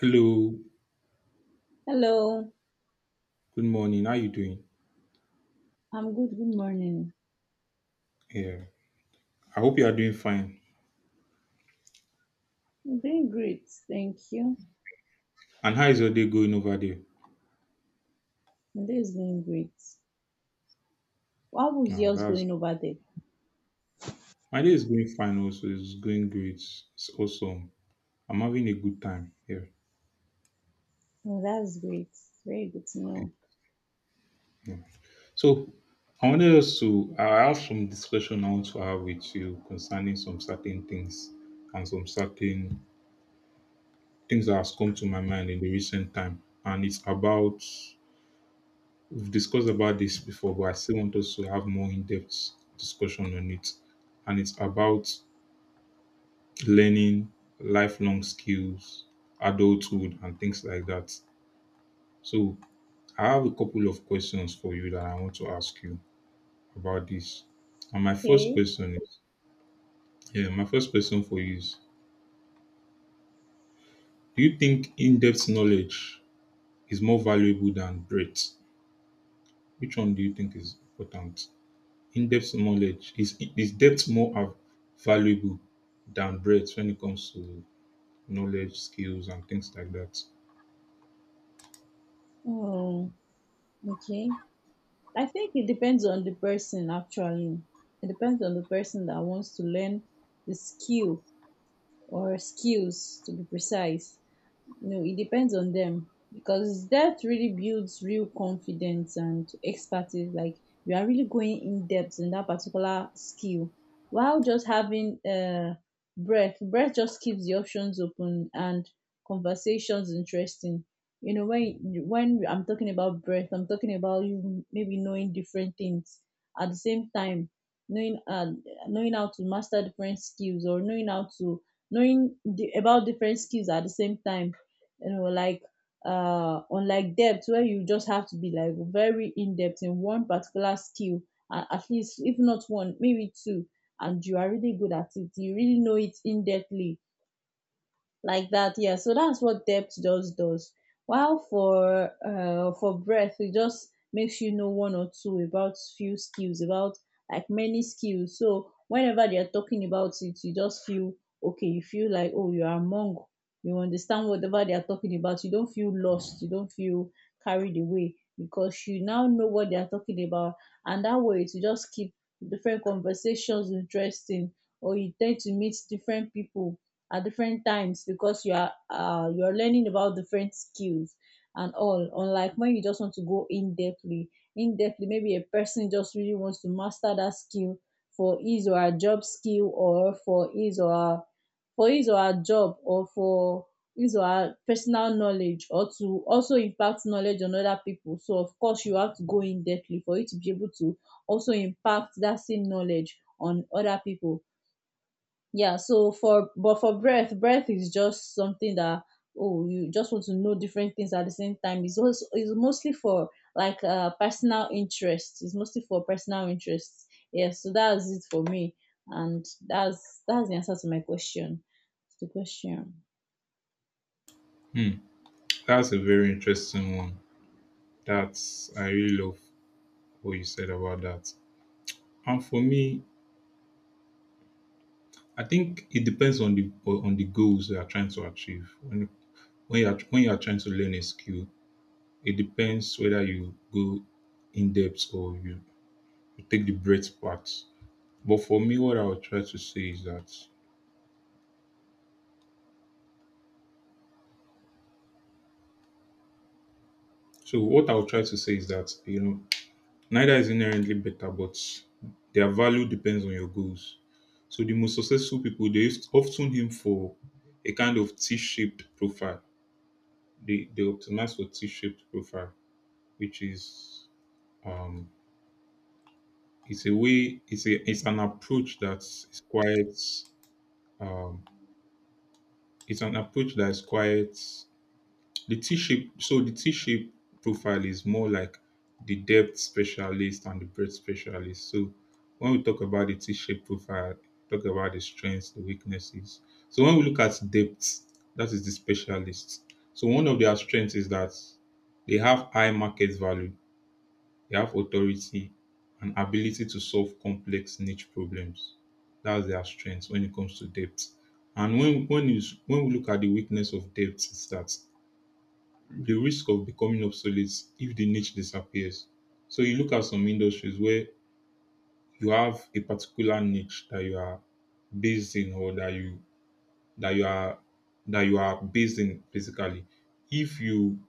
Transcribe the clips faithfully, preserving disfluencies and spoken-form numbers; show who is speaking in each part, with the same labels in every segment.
Speaker 1: Hello,
Speaker 2: Hello,
Speaker 1: good morning. How you doing?
Speaker 2: I'm good. Good morning.
Speaker 1: Yeah, I hope you are doing fine.
Speaker 2: I'm doing great, thank you.
Speaker 1: And how is your day going over there?
Speaker 2: My day is going great. What was
Speaker 1: Now,
Speaker 2: yours
Speaker 1: that's
Speaker 2: going over there?
Speaker 1: My day is going fine. Also, it's going great. It's awesome. I'm having a good time. Yeah.
Speaker 2: Oh, that's great. Very good to know.
Speaker 1: yeah. So, I wanted us to. I have some discussion I want to have with you concerning some certain things and some certain things that has come to my mind in the recent time, and it's about— we've discussed about this before, but I still want us to have more in-depth discussion on it. And it's about learning lifelong skills, adulthood, and things like that. So I have a couple of questions for you that I want to ask you about this. And my first
Speaker 2: Okay.
Speaker 1: question is, yeah, My first question for you is, do you think in-depth knowledge is more valuable than breadth? Which one do you think is important? In-depth knowledge— is is depth more av- valuable than breadth when it comes to knowledge, skills, and things like that?
Speaker 2: Oh, okay. I think it depends on the person, actually. It depends on the person that wants to learn the skill, or skills to be precise. No, it depends on them because that really builds real confidence and expertise. Like, you are really going in depth in that particular skill, while just having uh, breath. Breath just keeps the options open and conversations interesting. You know, when when I'm talking about breath, I'm talking about you maybe knowing different things at the same time, knowing uh, knowing how to master different skills, or knowing how to knowing the, about different skills at the same time, you know like, uh unlike depth, where you just have to be like very in depth in one particular skill, uh, at least if not one, maybe two, and you are really good at it, you really know it in depthly like that. Yeah, so that's what depth just does, while for uh for breadth, it just makes you know one or two about few skills, about like many skills. So whenever they are talking about it, you just feel okay, you feel like, oh, you are among, you understand whatever they are talking about. You don't feel lost, you don't feel carried away because you now know what they are talking about, and that way to just keep different conversations interesting, or you tend to meet different people at different times because you are uh, you are learning about different skills and all, unlike when you just want to go in depthly. In depthly, maybe a person just really wants to master that skill for his or her job skill, or for his or her, for his or her job, or for his or her personal knowledge, or to also impact knowledge on other people, so of course you have to go in depthly for you to be able to also impact that same knowledge on other people. Yeah, so for, but for breath breath is just something that, oh, you just want to know different things at the same time. It's also it's mostly for, like, uh personal interest. It's mostly for personal interest. Yeah, so that's it for me, and that's that's the answer to my question, to the question.
Speaker 1: Hmm, that's a very interesting one. That's I really love what you said about that. And for me, I think it depends on the on the goals you are trying to achieve. When when you are when you are trying to learn a skill, it depends whether you go in depth or you, you take the breadth part. But for me, what I would try to say is that So what I'll try to say is that, you know, neither is inherently better, but their value depends on your goals. So the most successful people they used- often aim for a kind of T-shaped profile. They they optimize for T-shaped profile, which is um it's a way it's a it's an approach that's it's quite um it's an approach that is quite— The T-shape, so the T-shape profile is more like the depth specialist and the breadth specialist. So when we talk about the T-shape profile, talk about the strengths, the weaknesses. So when we look at depth, that is the specialist. So one of their strengths is that they have high market value, they have authority and ability to solve complex niche problems. That's their strength when it comes to depth. And when when is when we look at the weakness of depth, is that the risk of becoming obsolete if the niche disappears. So you look at some industries where you have a particular niche that you are based in or that you that you are that you are based in, basically. If you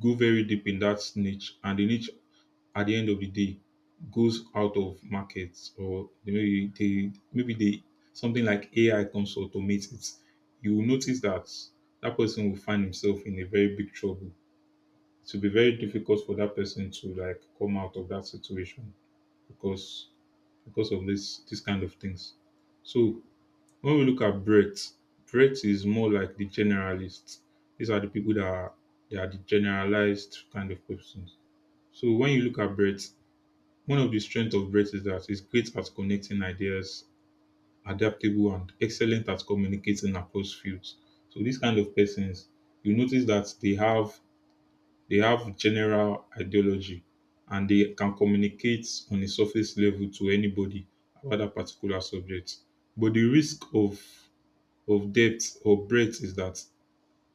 Speaker 1: go very deep in that niche and the niche at the end of the day goes out of markets, or they maybe they maybe they something like A I comes to automate it, you will notice that that person will find himself in a very big trouble. It will be very difficult for that person to like come out of that situation because because of this this kind of things. So when we look at Brett, Brett is more like the generalists. These are the people that are they are the generalized kind of persons. So when you look at Brett, one of the strengths of Brett is that he's great at connecting ideas, adaptable and excellent at communicating across fields. So these kind of persons, you notice that they have they have general ideology and they can communicate on a surface level to anybody about that particular subject. But the risk of of depth or breadth is that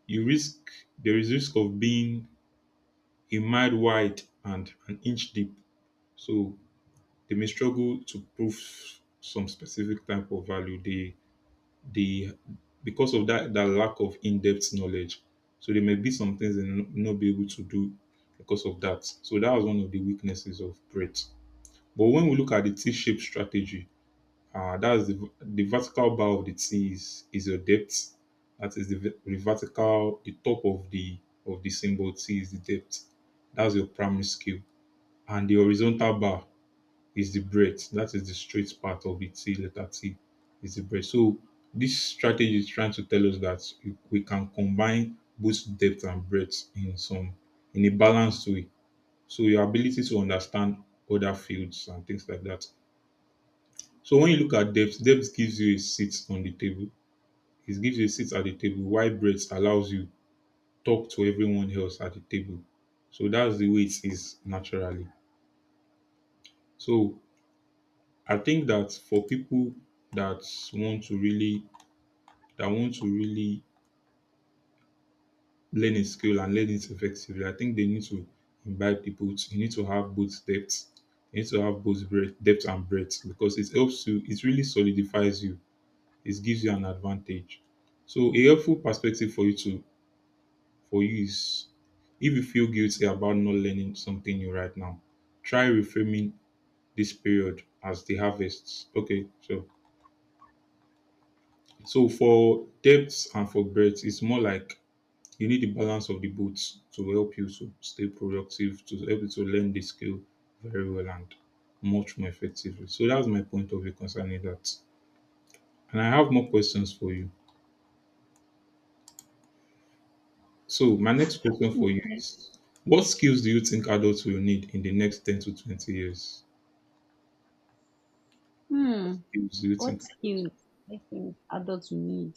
Speaker 1: you risk there is risk of being a mile wide and an inch deep. So they may struggle to prove some specific type of value. They the Because of that that lack of in-depth knowledge, So there may be some things they no— not be able to do because of that. So that was one of the weaknesses of Brett. But when we look at the T-shaped strategy, uh, that's the v- the vertical bar of the T is is your depth. That is the, v- the vertical, the top of the of the symbol T is the depth. That's your primary scale, and the horizontal bar is the breadth. That is the straight part of it. See, letter T is the breadth. So this strategy is trying to tell us that we can combine both depth and breadth in some in a balanced way. So your ability to understand other fields and things like that. So when you look at depth, depth gives you a seat on the table. It gives you a seat at the table, while breadth allows you talk to everyone else at the table. So that's the way it is naturally. So I think that for people that want to really that want to really learn a skill and learn it effectively, I think they need to imbibe the both. You need to have both depth. You need to have both breadth, depth and breadth, because it helps you. It really solidifies you. It gives you an advantage. So a helpful perspective for you to for you is, if you feel guilty about not learning something new right now, try reframing this period as the harvest. Okay, so— so for depth and for breadth, it's more like you need the balance of the both to help you to stay productive, to help you to learn the skill very well and much more effectively. So that's my point of view concerning that. And I have more questions for you. So my next question for you
Speaker 2: Okay.
Speaker 1: is, what skills do you think adults will need in the next ten to twenty years?
Speaker 2: hmm
Speaker 1: What skills do you
Speaker 2: what
Speaker 1: think adults
Speaker 2: skills I think adults will need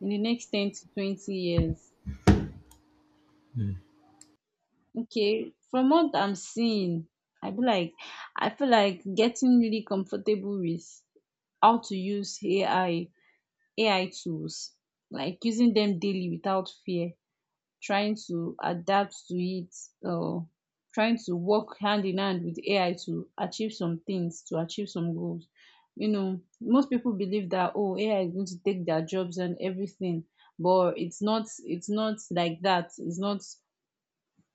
Speaker 2: in the next ten to twenty years.
Speaker 1: Hmm.
Speaker 2: Okay, from what I'm seeing, I feel like I feel like getting really comfortable with how to use A I A I tools, like using them daily without fear, trying to adapt to it, or trying to work hand in hand with A I to achieve some things, to achieve some goals. You know, most people believe that, oh, A I is going to take their jobs and everything, but it's not. It's not like that. It's not,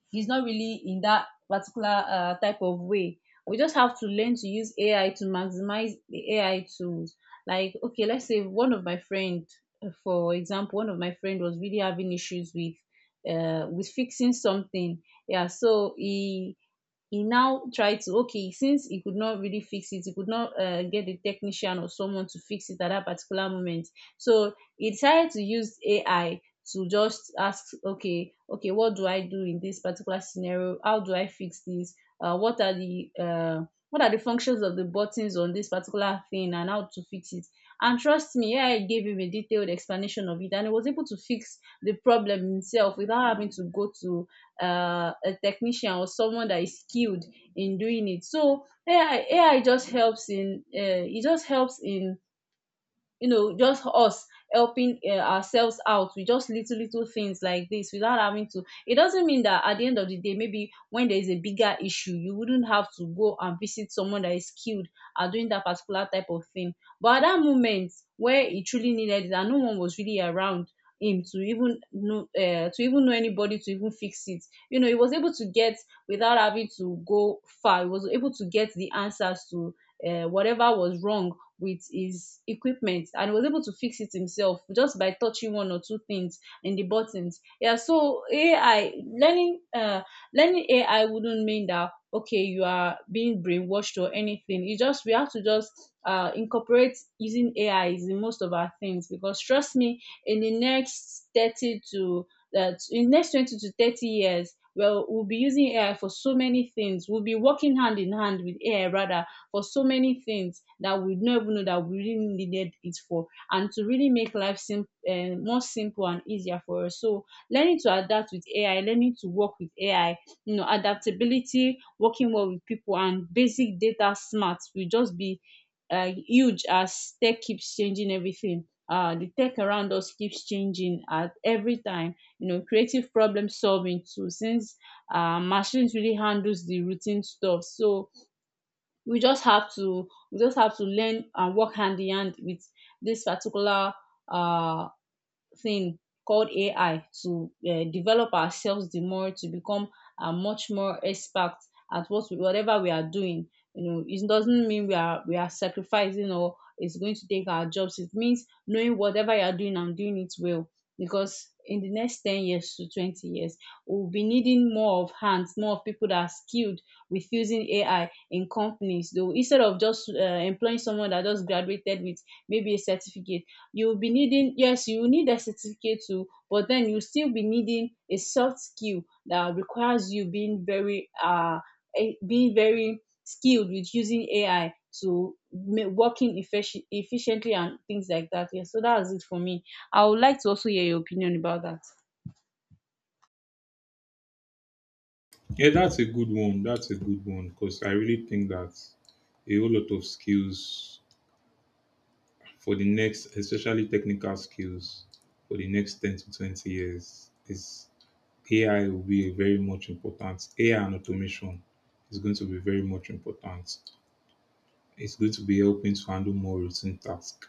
Speaker 2: he's not really in that particular uh, type of way. We just have to learn to use A I to maximize the A I tools. Like, okay, let's say one of my friend, for example, one of my friend was really having issues with uh with fixing something. Yeah, so he he now tried to, okay, since he could not really fix it, he could not uh, get a technician or someone to fix it at that particular moment, so he decided to use AI to just ask, okay, okay what do I do in this particular scenario? How do I fix this? Uh, what are the uh, what are the functions of the buttons on this particular thing, and how to fix it? And trust me, AI gave him a detailed explanation of it, and he was able to fix the problem himself without having to go to uh, a technician or someone that is skilled in doing it. So A I just helps in, uh, it just helps in, you know just us helping uh, ourselves out with just little little things like this, without having to it doesn't mean that at the end of the day, maybe when there is a bigger issue, you wouldn't have to go and visit someone that is skilled at doing that particular type of thing. But at that moment where he truly needed it, and no one was really around him to even know, uh, to even know anybody to even fix it, you know he was able to get, without having to go far, he was able to get the answers to uh, whatever was wrong with his equipment, and was able to fix it himself just by touching one or two things in the buttons. Yeah, so A I learning, uh learning A I wouldn't mean that, okay, you are being brainwashed or anything. You just We have to just uh incorporate using A I in most of our things, because trust me, in the next thirty to uh, in next twenty to thirty years, well, we'll be using A I for so many things. We'll be working hand in hand with A I rather, for so many things that we don't even know that we really needed it for, and to really make life sim- uh, more simple and easier for us. So learning to adapt with A I, learning to work with A I, you know, adaptability, working well with people, and basic data smart will just be uh, huge as tech keeps changing everything. Uh, the tech around us keeps changing at every time. You know, creative problem solving too, since uh, machines really handles the routine stuff. So we just have to we just have to learn and work hand in hand with this particular um thing called A I to uh, develop ourselves the more to become uh, much more expert at what we, whatever we are doing. You know, it doesn't mean we are we are sacrificing, or it's going to take our jobs. It means knowing whatever you are doing and doing it well. Because in the next ten years to twenty years, we'll be needing more of hands, more of people that are skilled with using A I in companies. Though, instead of just uh, employing someone that just graduated with maybe a certificate, you'll be needing, yes, you will need a certificate too, but then you'll still be needing a soft skill that requires you being very uh eh, being very skilled with using AI to ma- working effici- efficiently, and things like that. Yeah, so that's it for me. I would like to also hear your opinion about that.
Speaker 1: Yeah, that's a good one. That's a good one, because I really think that a whole lot of skills for the next, especially technical skills, for the next ten to twenty years, is A I will be very much important. A I and automation is going to be very much important. It's going to be helping to handle more routine tasks.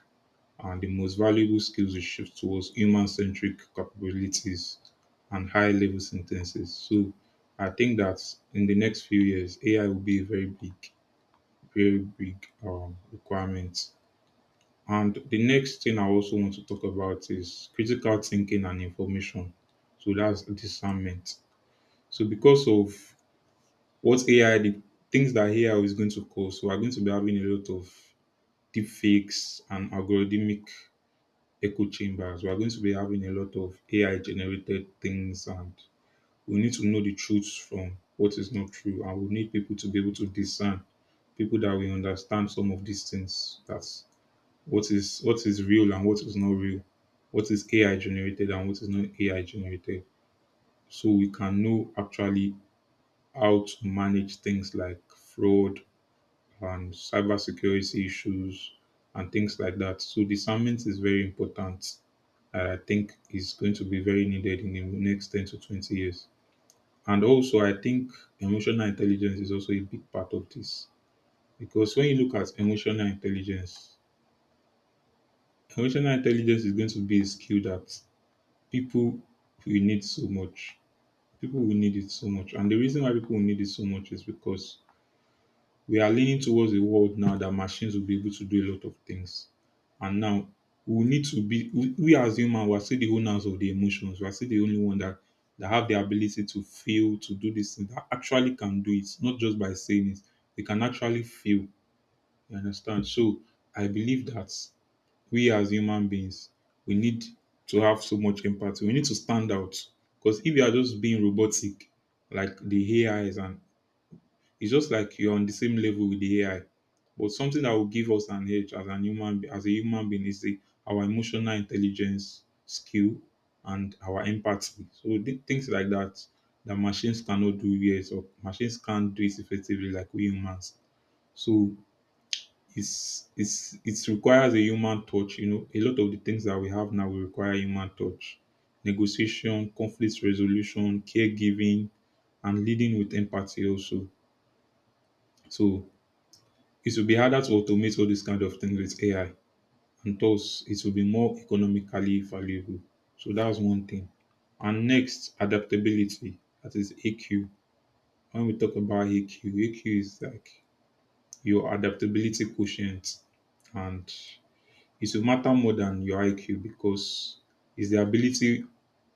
Speaker 1: And the most valuable skills will shift towards human centric capabilities and high level sentences. So I think that in the next few years, A I will be a very big, very big um, requirement. And the next thing I also want to talk about is critical thinking and information. So that's discernment. So because of what A I— the things that A I is going to cause, we are going to be having a lot of deep fakes and algorithmic echo chambers. We are going to be having a lot of A I generated things, and we need to know the truth from what is not true. And we need people to be able to discern, people that will understand some of these things— that what is what is real and what is not real, what is A I generated and what is not A I generated, so we can know actually how to manage things like fraud and cybersecurity issues and things like that. So discernment is very important, and I think is going to be very needed in the next ten to twenty years. And also, I think emotional intelligence is also a big part of this, because when you look at emotional intelligence, emotional intelligence is going to be a skill that people will need so much. People will need it so much. And the reason why people will need it so much is because we are leaning towards a world now that machines will be able to do a lot of things. And now we need to be— we, we as humans, we are still the owners of the emotions. We are still the only one that that have the ability to feel, to do this thing, that actually can do it, not just by saying it. They can actually feel. You understand? So I believe that we as human beings, we need to have so much empathy. We need to stand out. Because if you are just being robotic, like the A I is, and it's just like you're on the same level with the A I. But something that will give us an edge as an human, be- as a human being, is the, our emotional intelligence, skill, and our empathy. So th- things like that that machines cannot do. Yes, or machines can't do it effectively like we humans. So it's it's it requires a human touch. You know, a lot of the things that we have now will require human touch, negotiation, conflict resolution, caregiving, and leading with empathy also. So it will be harder to automate all these kind of things with A I, and thus it will be more economically valuable. So that's one thing. And next, adaptability. That is A Q. When we talk about A Q, A Q is like your adaptability quotient, and it will matter more than your I Q, because it's the ability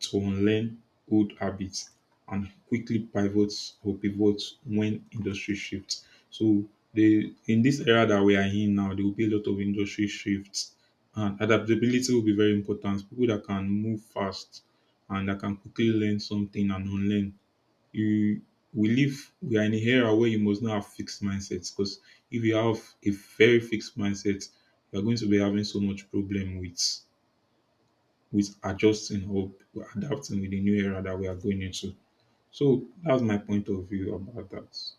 Speaker 1: to unlearn old habits and quickly pivots or pivots when industry shifts. So the in this era that we are in now, there will be a lot of industry shifts and adaptability will be very important. People that can move fast and that can quickly learn something and unlearn you we live we are in an era where you must not have fixed mindsets because if you have a very fixed mindset you're going to be having so much problem with with adjusting or adapting with the new era that we are going into. So that's my point of view about that.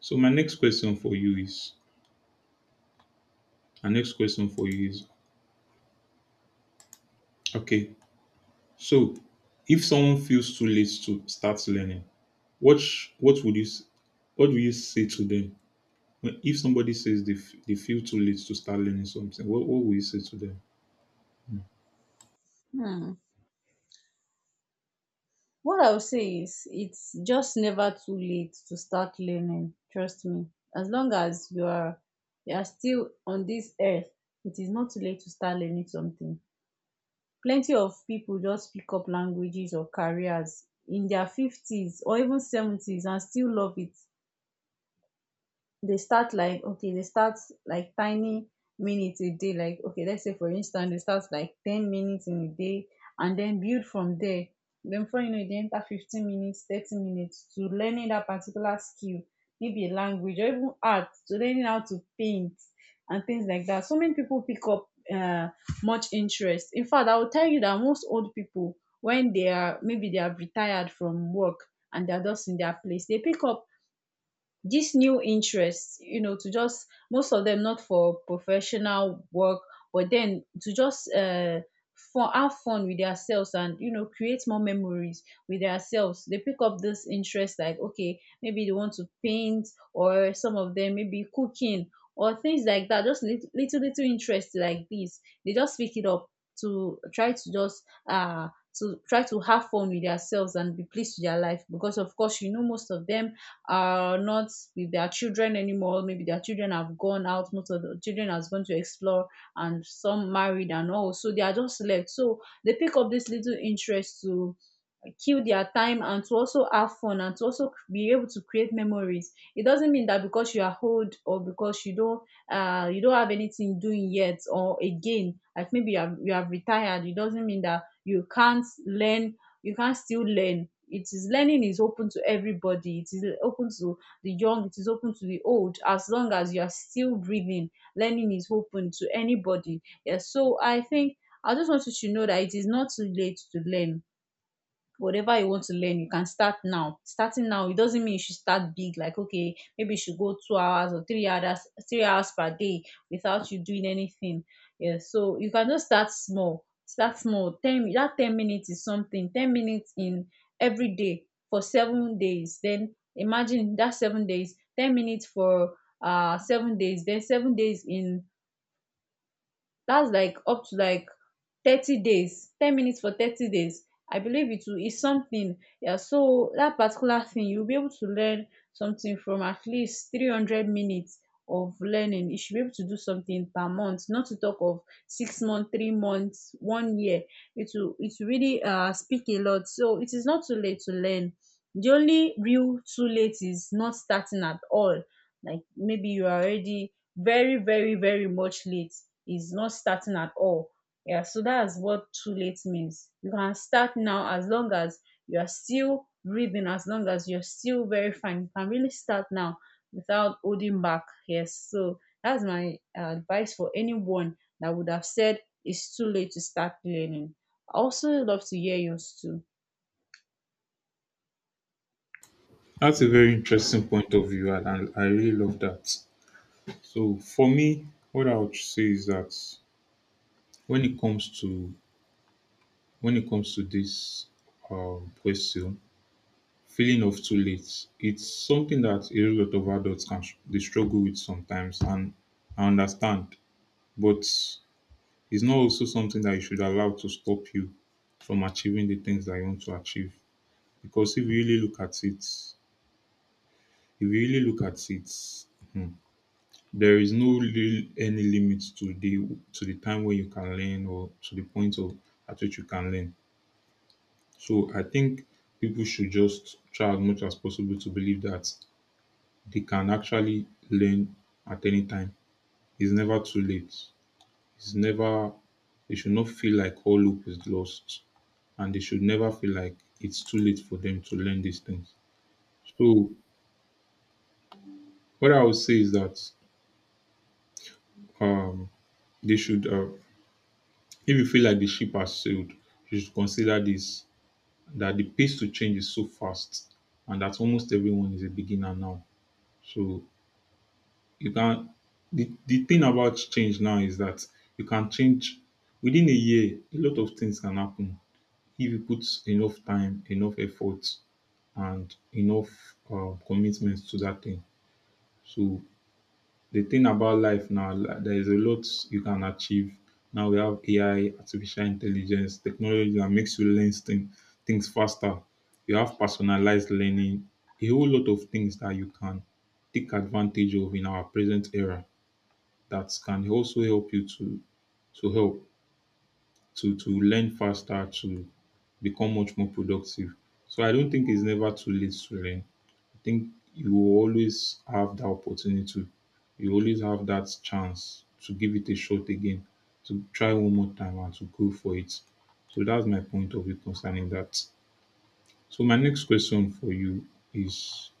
Speaker 1: So my next question for you is my next question for you is okay. So if someone feels too late to start learning, what sh- what would you s- what do you say to them? Well, if somebody says they, f- they feel too late to start learning something, what, what will you say to them?
Speaker 2: Hmm. What I would say is, it's just never too late to start learning. Trust me. As long as you are, you are still on this earth, it is not too late to start learning something. Plenty of people just pick up languages or careers in their fifties or even seventies and still love it. They start like, okay, they start like tiny minutes a day. Like, okay, let's say for instance they start like ten minutes in a day, and then build from there. Then before you know it, they enter fifteen minutes, thirty minutes, to learning that particular skill, maybe a language, or even art, to learning how to paint and things like that. So many people pick up uh, much interest. In fact, I will tell you that most old people, when they are, maybe they are retired from work and they are just in their place, they pick up these new interests, you know to just, most of them not for professional work, but then to just uh fun, have fun with themselves, and you know create more memories with themselves. They pick up this interest like, okay, maybe they want to paint, or some of them maybe cooking, or things like that. Just little little, little interest like this, they just pick it up, to try to just uh to try to have fun with themselves and be pleased with their life. Because of course, you know most of them are not with their children anymore. Maybe their children have gone out, most of the children has gone to explore, and some married and all, so they are just left. So they pick up this little interest to uh, kill their time, and to also have fun, and to also be able to create memories. It doesn't mean that because you are old, or because you don't uh, you don't have anything doing yet or again. Like, maybe you have, you have retired, it doesn't mean that you can't learn. You can still learn. It is Learning is open to everybody. It is open to the young. It is open to the old. As long as you are still breathing, learning is open to anybody. Yes. So I think I just want you to know that it is not too late to learn whatever you want to learn, you can start now. Starting now, it doesn't mean you should start big. Like, okay, maybe you should go two hours or three hours three hours per day without you doing anything. Yeah, so you can just start small, start small ten, that ten minutes is something. Ten minutes in every day for seven days, then imagine that. Seven days, ten minutes for uh seven days, then seven days in that's like up to like thirty days. Ten minutes for thirty days, I believe it will is something. Yeah, so that particular thing, you'll be able to learn something. From at least three hundred minutes of learning, you should be able to do something per month, not to talk of six months, three months, one year. It will it will really uh speak a lot. So it is not too late to learn. The only real too late is not starting at all. Like, maybe you are already very, very, very much late. Is not starting at all. Yeah, so that's what too late means. You can start now, as long as you are still breathing, as long as you're still very fine. You can really start now without holding back. Yes, so that's my uh, advice for anyone that would have said it's too late to start learning. I also love to hear yours too.
Speaker 1: That's a very interesting point of view, and I, I really love that. So for me, what I would say is that when it comes to when it comes to this um, question, feeling of too late, it's something that a lot of adults can str- they struggle with sometimes, and I understand, but it's not also something that you should allow to stop you from achieving the things that you want to achieve. Because if you really look at it, if you really look at it, hmm, there is no real any limit to the to the time where you can learn, or to the point of at which you can learn. So I think people should just try as much as possible to believe that they can actually learn at any time. It's never too late. It's never They should not feel like all hope is lost, and they should never feel like it's too late for them to learn these things. So what I would say is that um they should, uh, if you feel like the ship has sailed, you should consider this, that the pace to change is so fast and that almost everyone is a beginner now. So you can the, the thing about change now is that you can change within a year. A lot of things can happen if you put enough time, enough effort, and enough uh, commitment to that thing. So the thing about life now, li- there is a lot you can achieve. Now we have A I, artificial intelligence, technology that makes you learn thing, things faster. You have personalized learning, a whole lot of things that you can take advantage of in our present era that can also help you to to help to to learn faster, to become much more productive. So I don't think it's never too late to learn think You will always have that opportunity. You always have that chance to give it a shot again, to try one more time and to go for it. So that's my point of view concerning that. So my next question for you is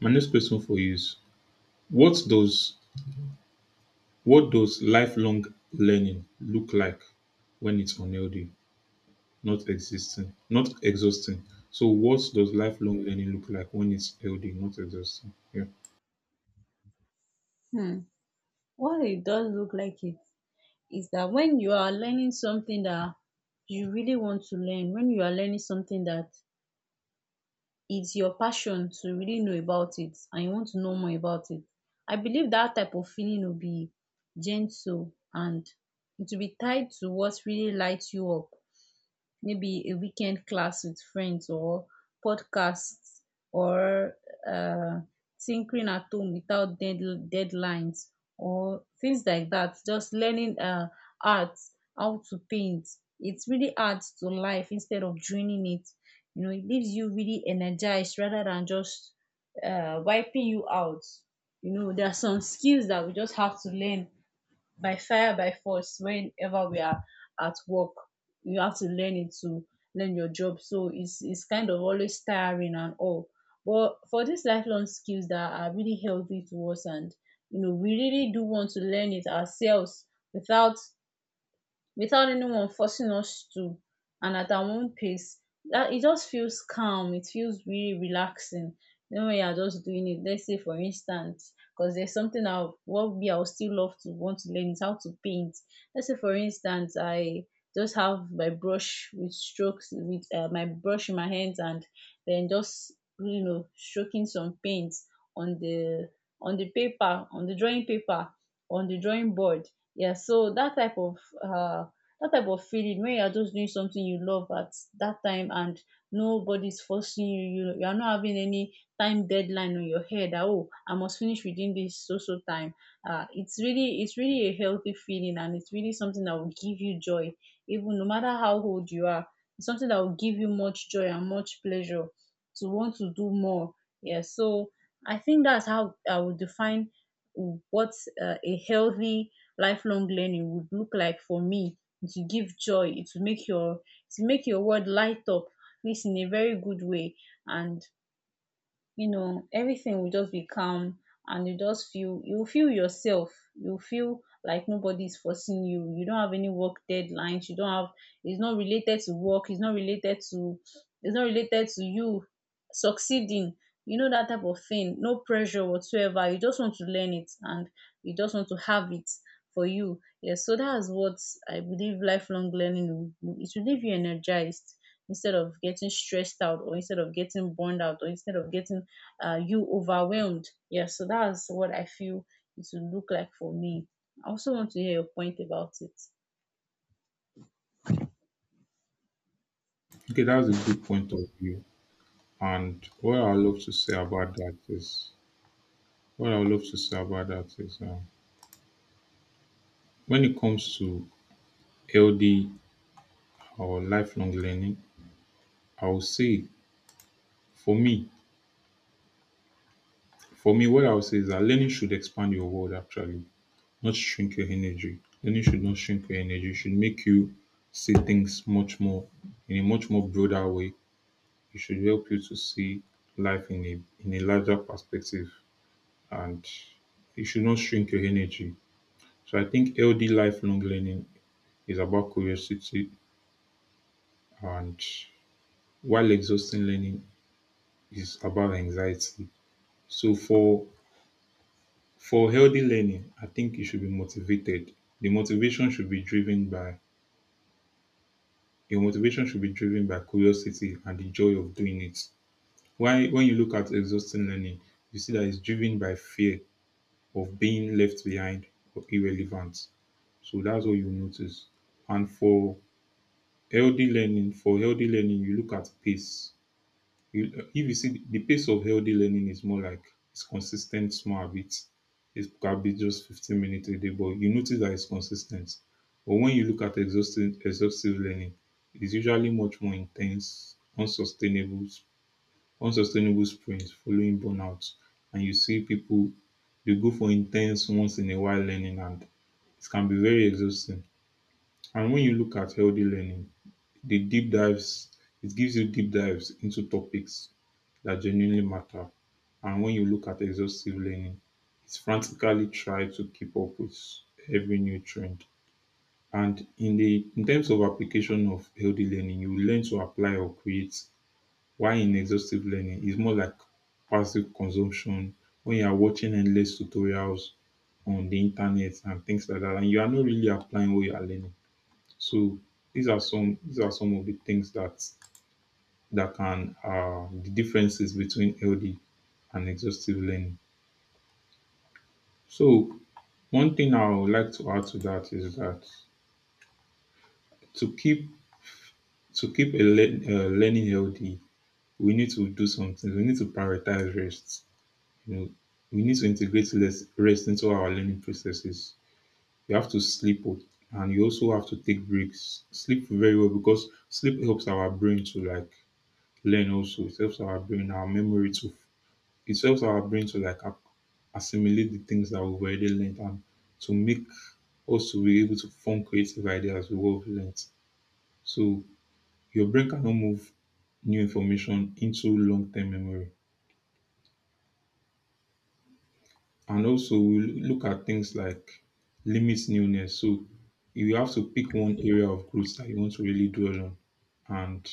Speaker 1: my next question for you is, what does what does lifelong learning look like when it's unhealthy, not existing, not exhausting? So what does lifelong learning look like when it's healthy, not exhausting? Yeah.
Speaker 2: Hmm. Well, it does look like it. Is that when you are learning something that you really want to learn, when you are learning something that it's your passion to really know about it and you want to know more about it, I believe that type of feeling will be gentle, and it will be tied to what really lights you up. Maybe a weekend class with friends, or podcasts, or uh, tinkering at home without dead, deadlines or things like that. Just learning uh, art, how to paint. It really adds to life instead of draining it. You know, it leaves you really energized rather than just uh, wiping you out. You know, there are some skills that we just have to learn by fire, by force, whenever we are at work. You have to learn it to learn your job, so it's it's kind of always tiring and all. But for these lifelong skills that are really healthy to us, and you know, we really do want to learn it ourselves, without without anyone forcing us to, and at our own pace, that it just feels calm, it feels really relaxing. You know, when you are just doing it, let's say, for instance, because there's something I what me I would still love to want to learn is how to paint. Let's say for instance, I just have my brush with strokes, with uh, my brush in my hands, and then just, you know, stroking some paint on the on the paper, on the drawing paper, on the drawing board. Yeah, so that type of, uh that type of feeling when you are just doing something you love at that time, and nobody's forcing you, you you are not having any time deadline on your head, that, oh, I must finish within this so so time. Uh it's really it's really a healthy feeling, and it's really something that will give you joy. Even no matter how old you are, it's something that will give you much joy and much pleasure to want to do more. Yeah, so I think that's how I would define what uh, a healthy lifelong learning would look like for me. It will give joy. It will make your, it will make your world light up, this in a very good way. And you know, everything will just be calm, and you just feel, you feel yourself, you feel like nobody's forcing you, you don't have any work deadlines, you don't have, it's not related to work, it's not related to it's not related to you succeeding. You know, that type of thing. No pressure whatsoever. You just want to learn it, and you just want to have it for you. Yes, so that's what I believe lifelong learning will do. It will leave you energized instead of getting stressed out, or instead of getting burned out, or instead of getting uh, you overwhelmed. Yeah, so that's what I feel it would look like for me. I also want to hear your point about it.
Speaker 1: Okay, that's a good point of view. And what I would love to say about that is what I would love to say about that is, um, when it comes to L D or lifelong learning, I would say for me, for me, what I would say is that learning should expand your world actually, not shrink your energy. Learning should not shrink your energy. It should make you see things much more in a much more broader way. It should help you to see life in a in a larger perspective, and it should not shrink your energy. So I think L D lifelong learning is about curiosity, and while exhausting learning is about anxiety. So for for healthy learning, I think you should be motivated. The motivation should be driven by your motivation should be driven by curiosity and the joy of doing it. Why when you look at exhausting learning, you see that it's driven by fear of being left behind or irrelevant. So that's what you notice. And for healthy learning, for healthy learning, you look at pace. You- If you see, the pace of healthy learning is more like, it's consistent small habits. It can be just fifteen minutes a day, but you notice that it's consistent. But when you look at exhaustive, exhaustive learning, it's usually much more intense, unsustainable, unsustainable sprints following burnout. And you see people, they go for intense once in a while learning, and it can be very exhausting. And when you look at healthy learning, the deep dives it gives you deep dives into topics that genuinely matter. And when you look at exhaustive learning, it's frantically try to keep up with every new trend. And in the in terms of application of healthy learning, you learn to apply or create. While in exhaustive learning, it's more like passive consumption, when you are watching endless tutorials on the internet and things like that, and you are not really applying what you are learning. So these are some these are some of the things that that can, uh, the differences between healthy and exhaustive learning. So one thing I would like to add to that is that to keep to keep a learn, uh, learning healthy, we need to do something. We need to prioritize rest. You know, we need to integrate less rest into our learning processes. You have to sleep, o- and you also have to take breaks. Sleep very well, because sleep helps our brain to like learn. Also, it helps our brain, our memory to It helps our brain to like ac- assimilate the things that we've already learned, and to make us to be able to form creative ideas with what we've learned. So your brain cannot move new information into long-term memory. And also we lo- look at things like limits newness. So you have to pick one area of growth that you want to really dwell on, and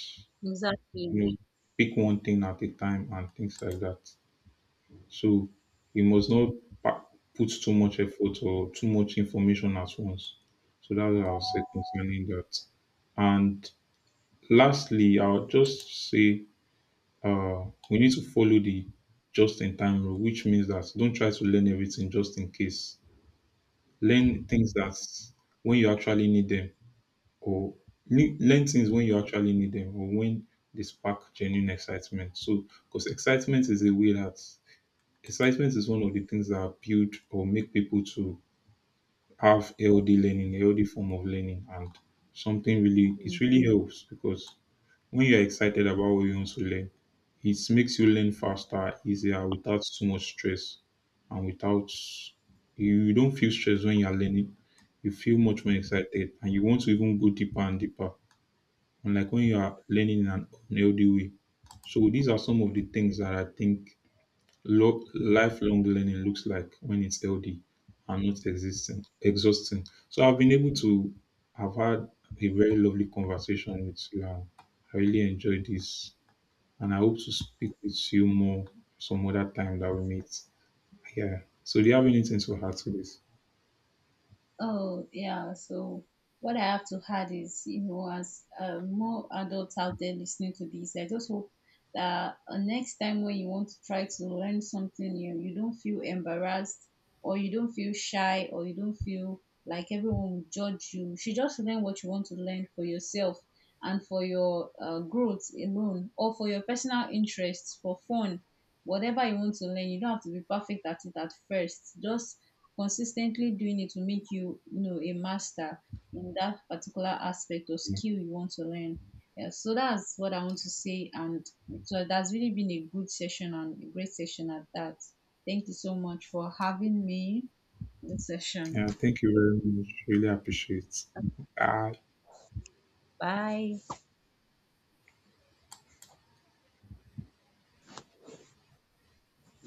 Speaker 1: you
Speaker 2: Exactly.
Speaker 1: know, pick one thing at a time and things like that. So you must not pa- put too much effort or too much information at once. So that's what I'll say concerning that. And lastly, I'll just say, uh, we need to follow the just in time rule, which means that don't try to learn everything just in case. Learn things that when you actually need them, or le- learn things when you actually need them, or when they spark genuine excitement. So, because excitement is a way that excitement is one of the things that build or make people to have healthy learning, healthy form of learning, and something really it
Speaker 2: Mm.
Speaker 1: really helps, because when you're excited about what you want to learn, it makes you learn faster, easier, without too much stress, and without, you don't feel stressed when you're learning. You feel much more excited, and you want to even go deeper and deeper. Unlike when you are learning in an unhealthy way. So these are some of the things that I think Lo- lifelong learning looks like when it's healthy and not existing, exhausting. So I've been able to have had a very lovely conversation with you. I I really enjoyed this, and I hope to speak with you more some other time that we meet. Yeah. So do you have anything to add to this?
Speaker 2: Oh, yeah. So what I have to add is, you know, as uh, more adults out there listening to this, I just hope that uh, next time when you want to try to learn something new, you don't feel embarrassed, or you don't feel shy, or you don't feel like everyone will judge you. You should just learn what you want to learn for yourself, and for your uh, growth alone, or for your personal interests, for fun. Whatever you want to learn, you don't have to be perfect at it at first. Just consistently doing it will make you, you know, a master in that particular aspect or skill you want to learn. Yeah, so that's what I want to say. And so that's really been a good session, and a great session at that. Thank you so much for having me this session.
Speaker 1: Yeah. Thank you very much. Really appreciate. Ah.
Speaker 2: Bye.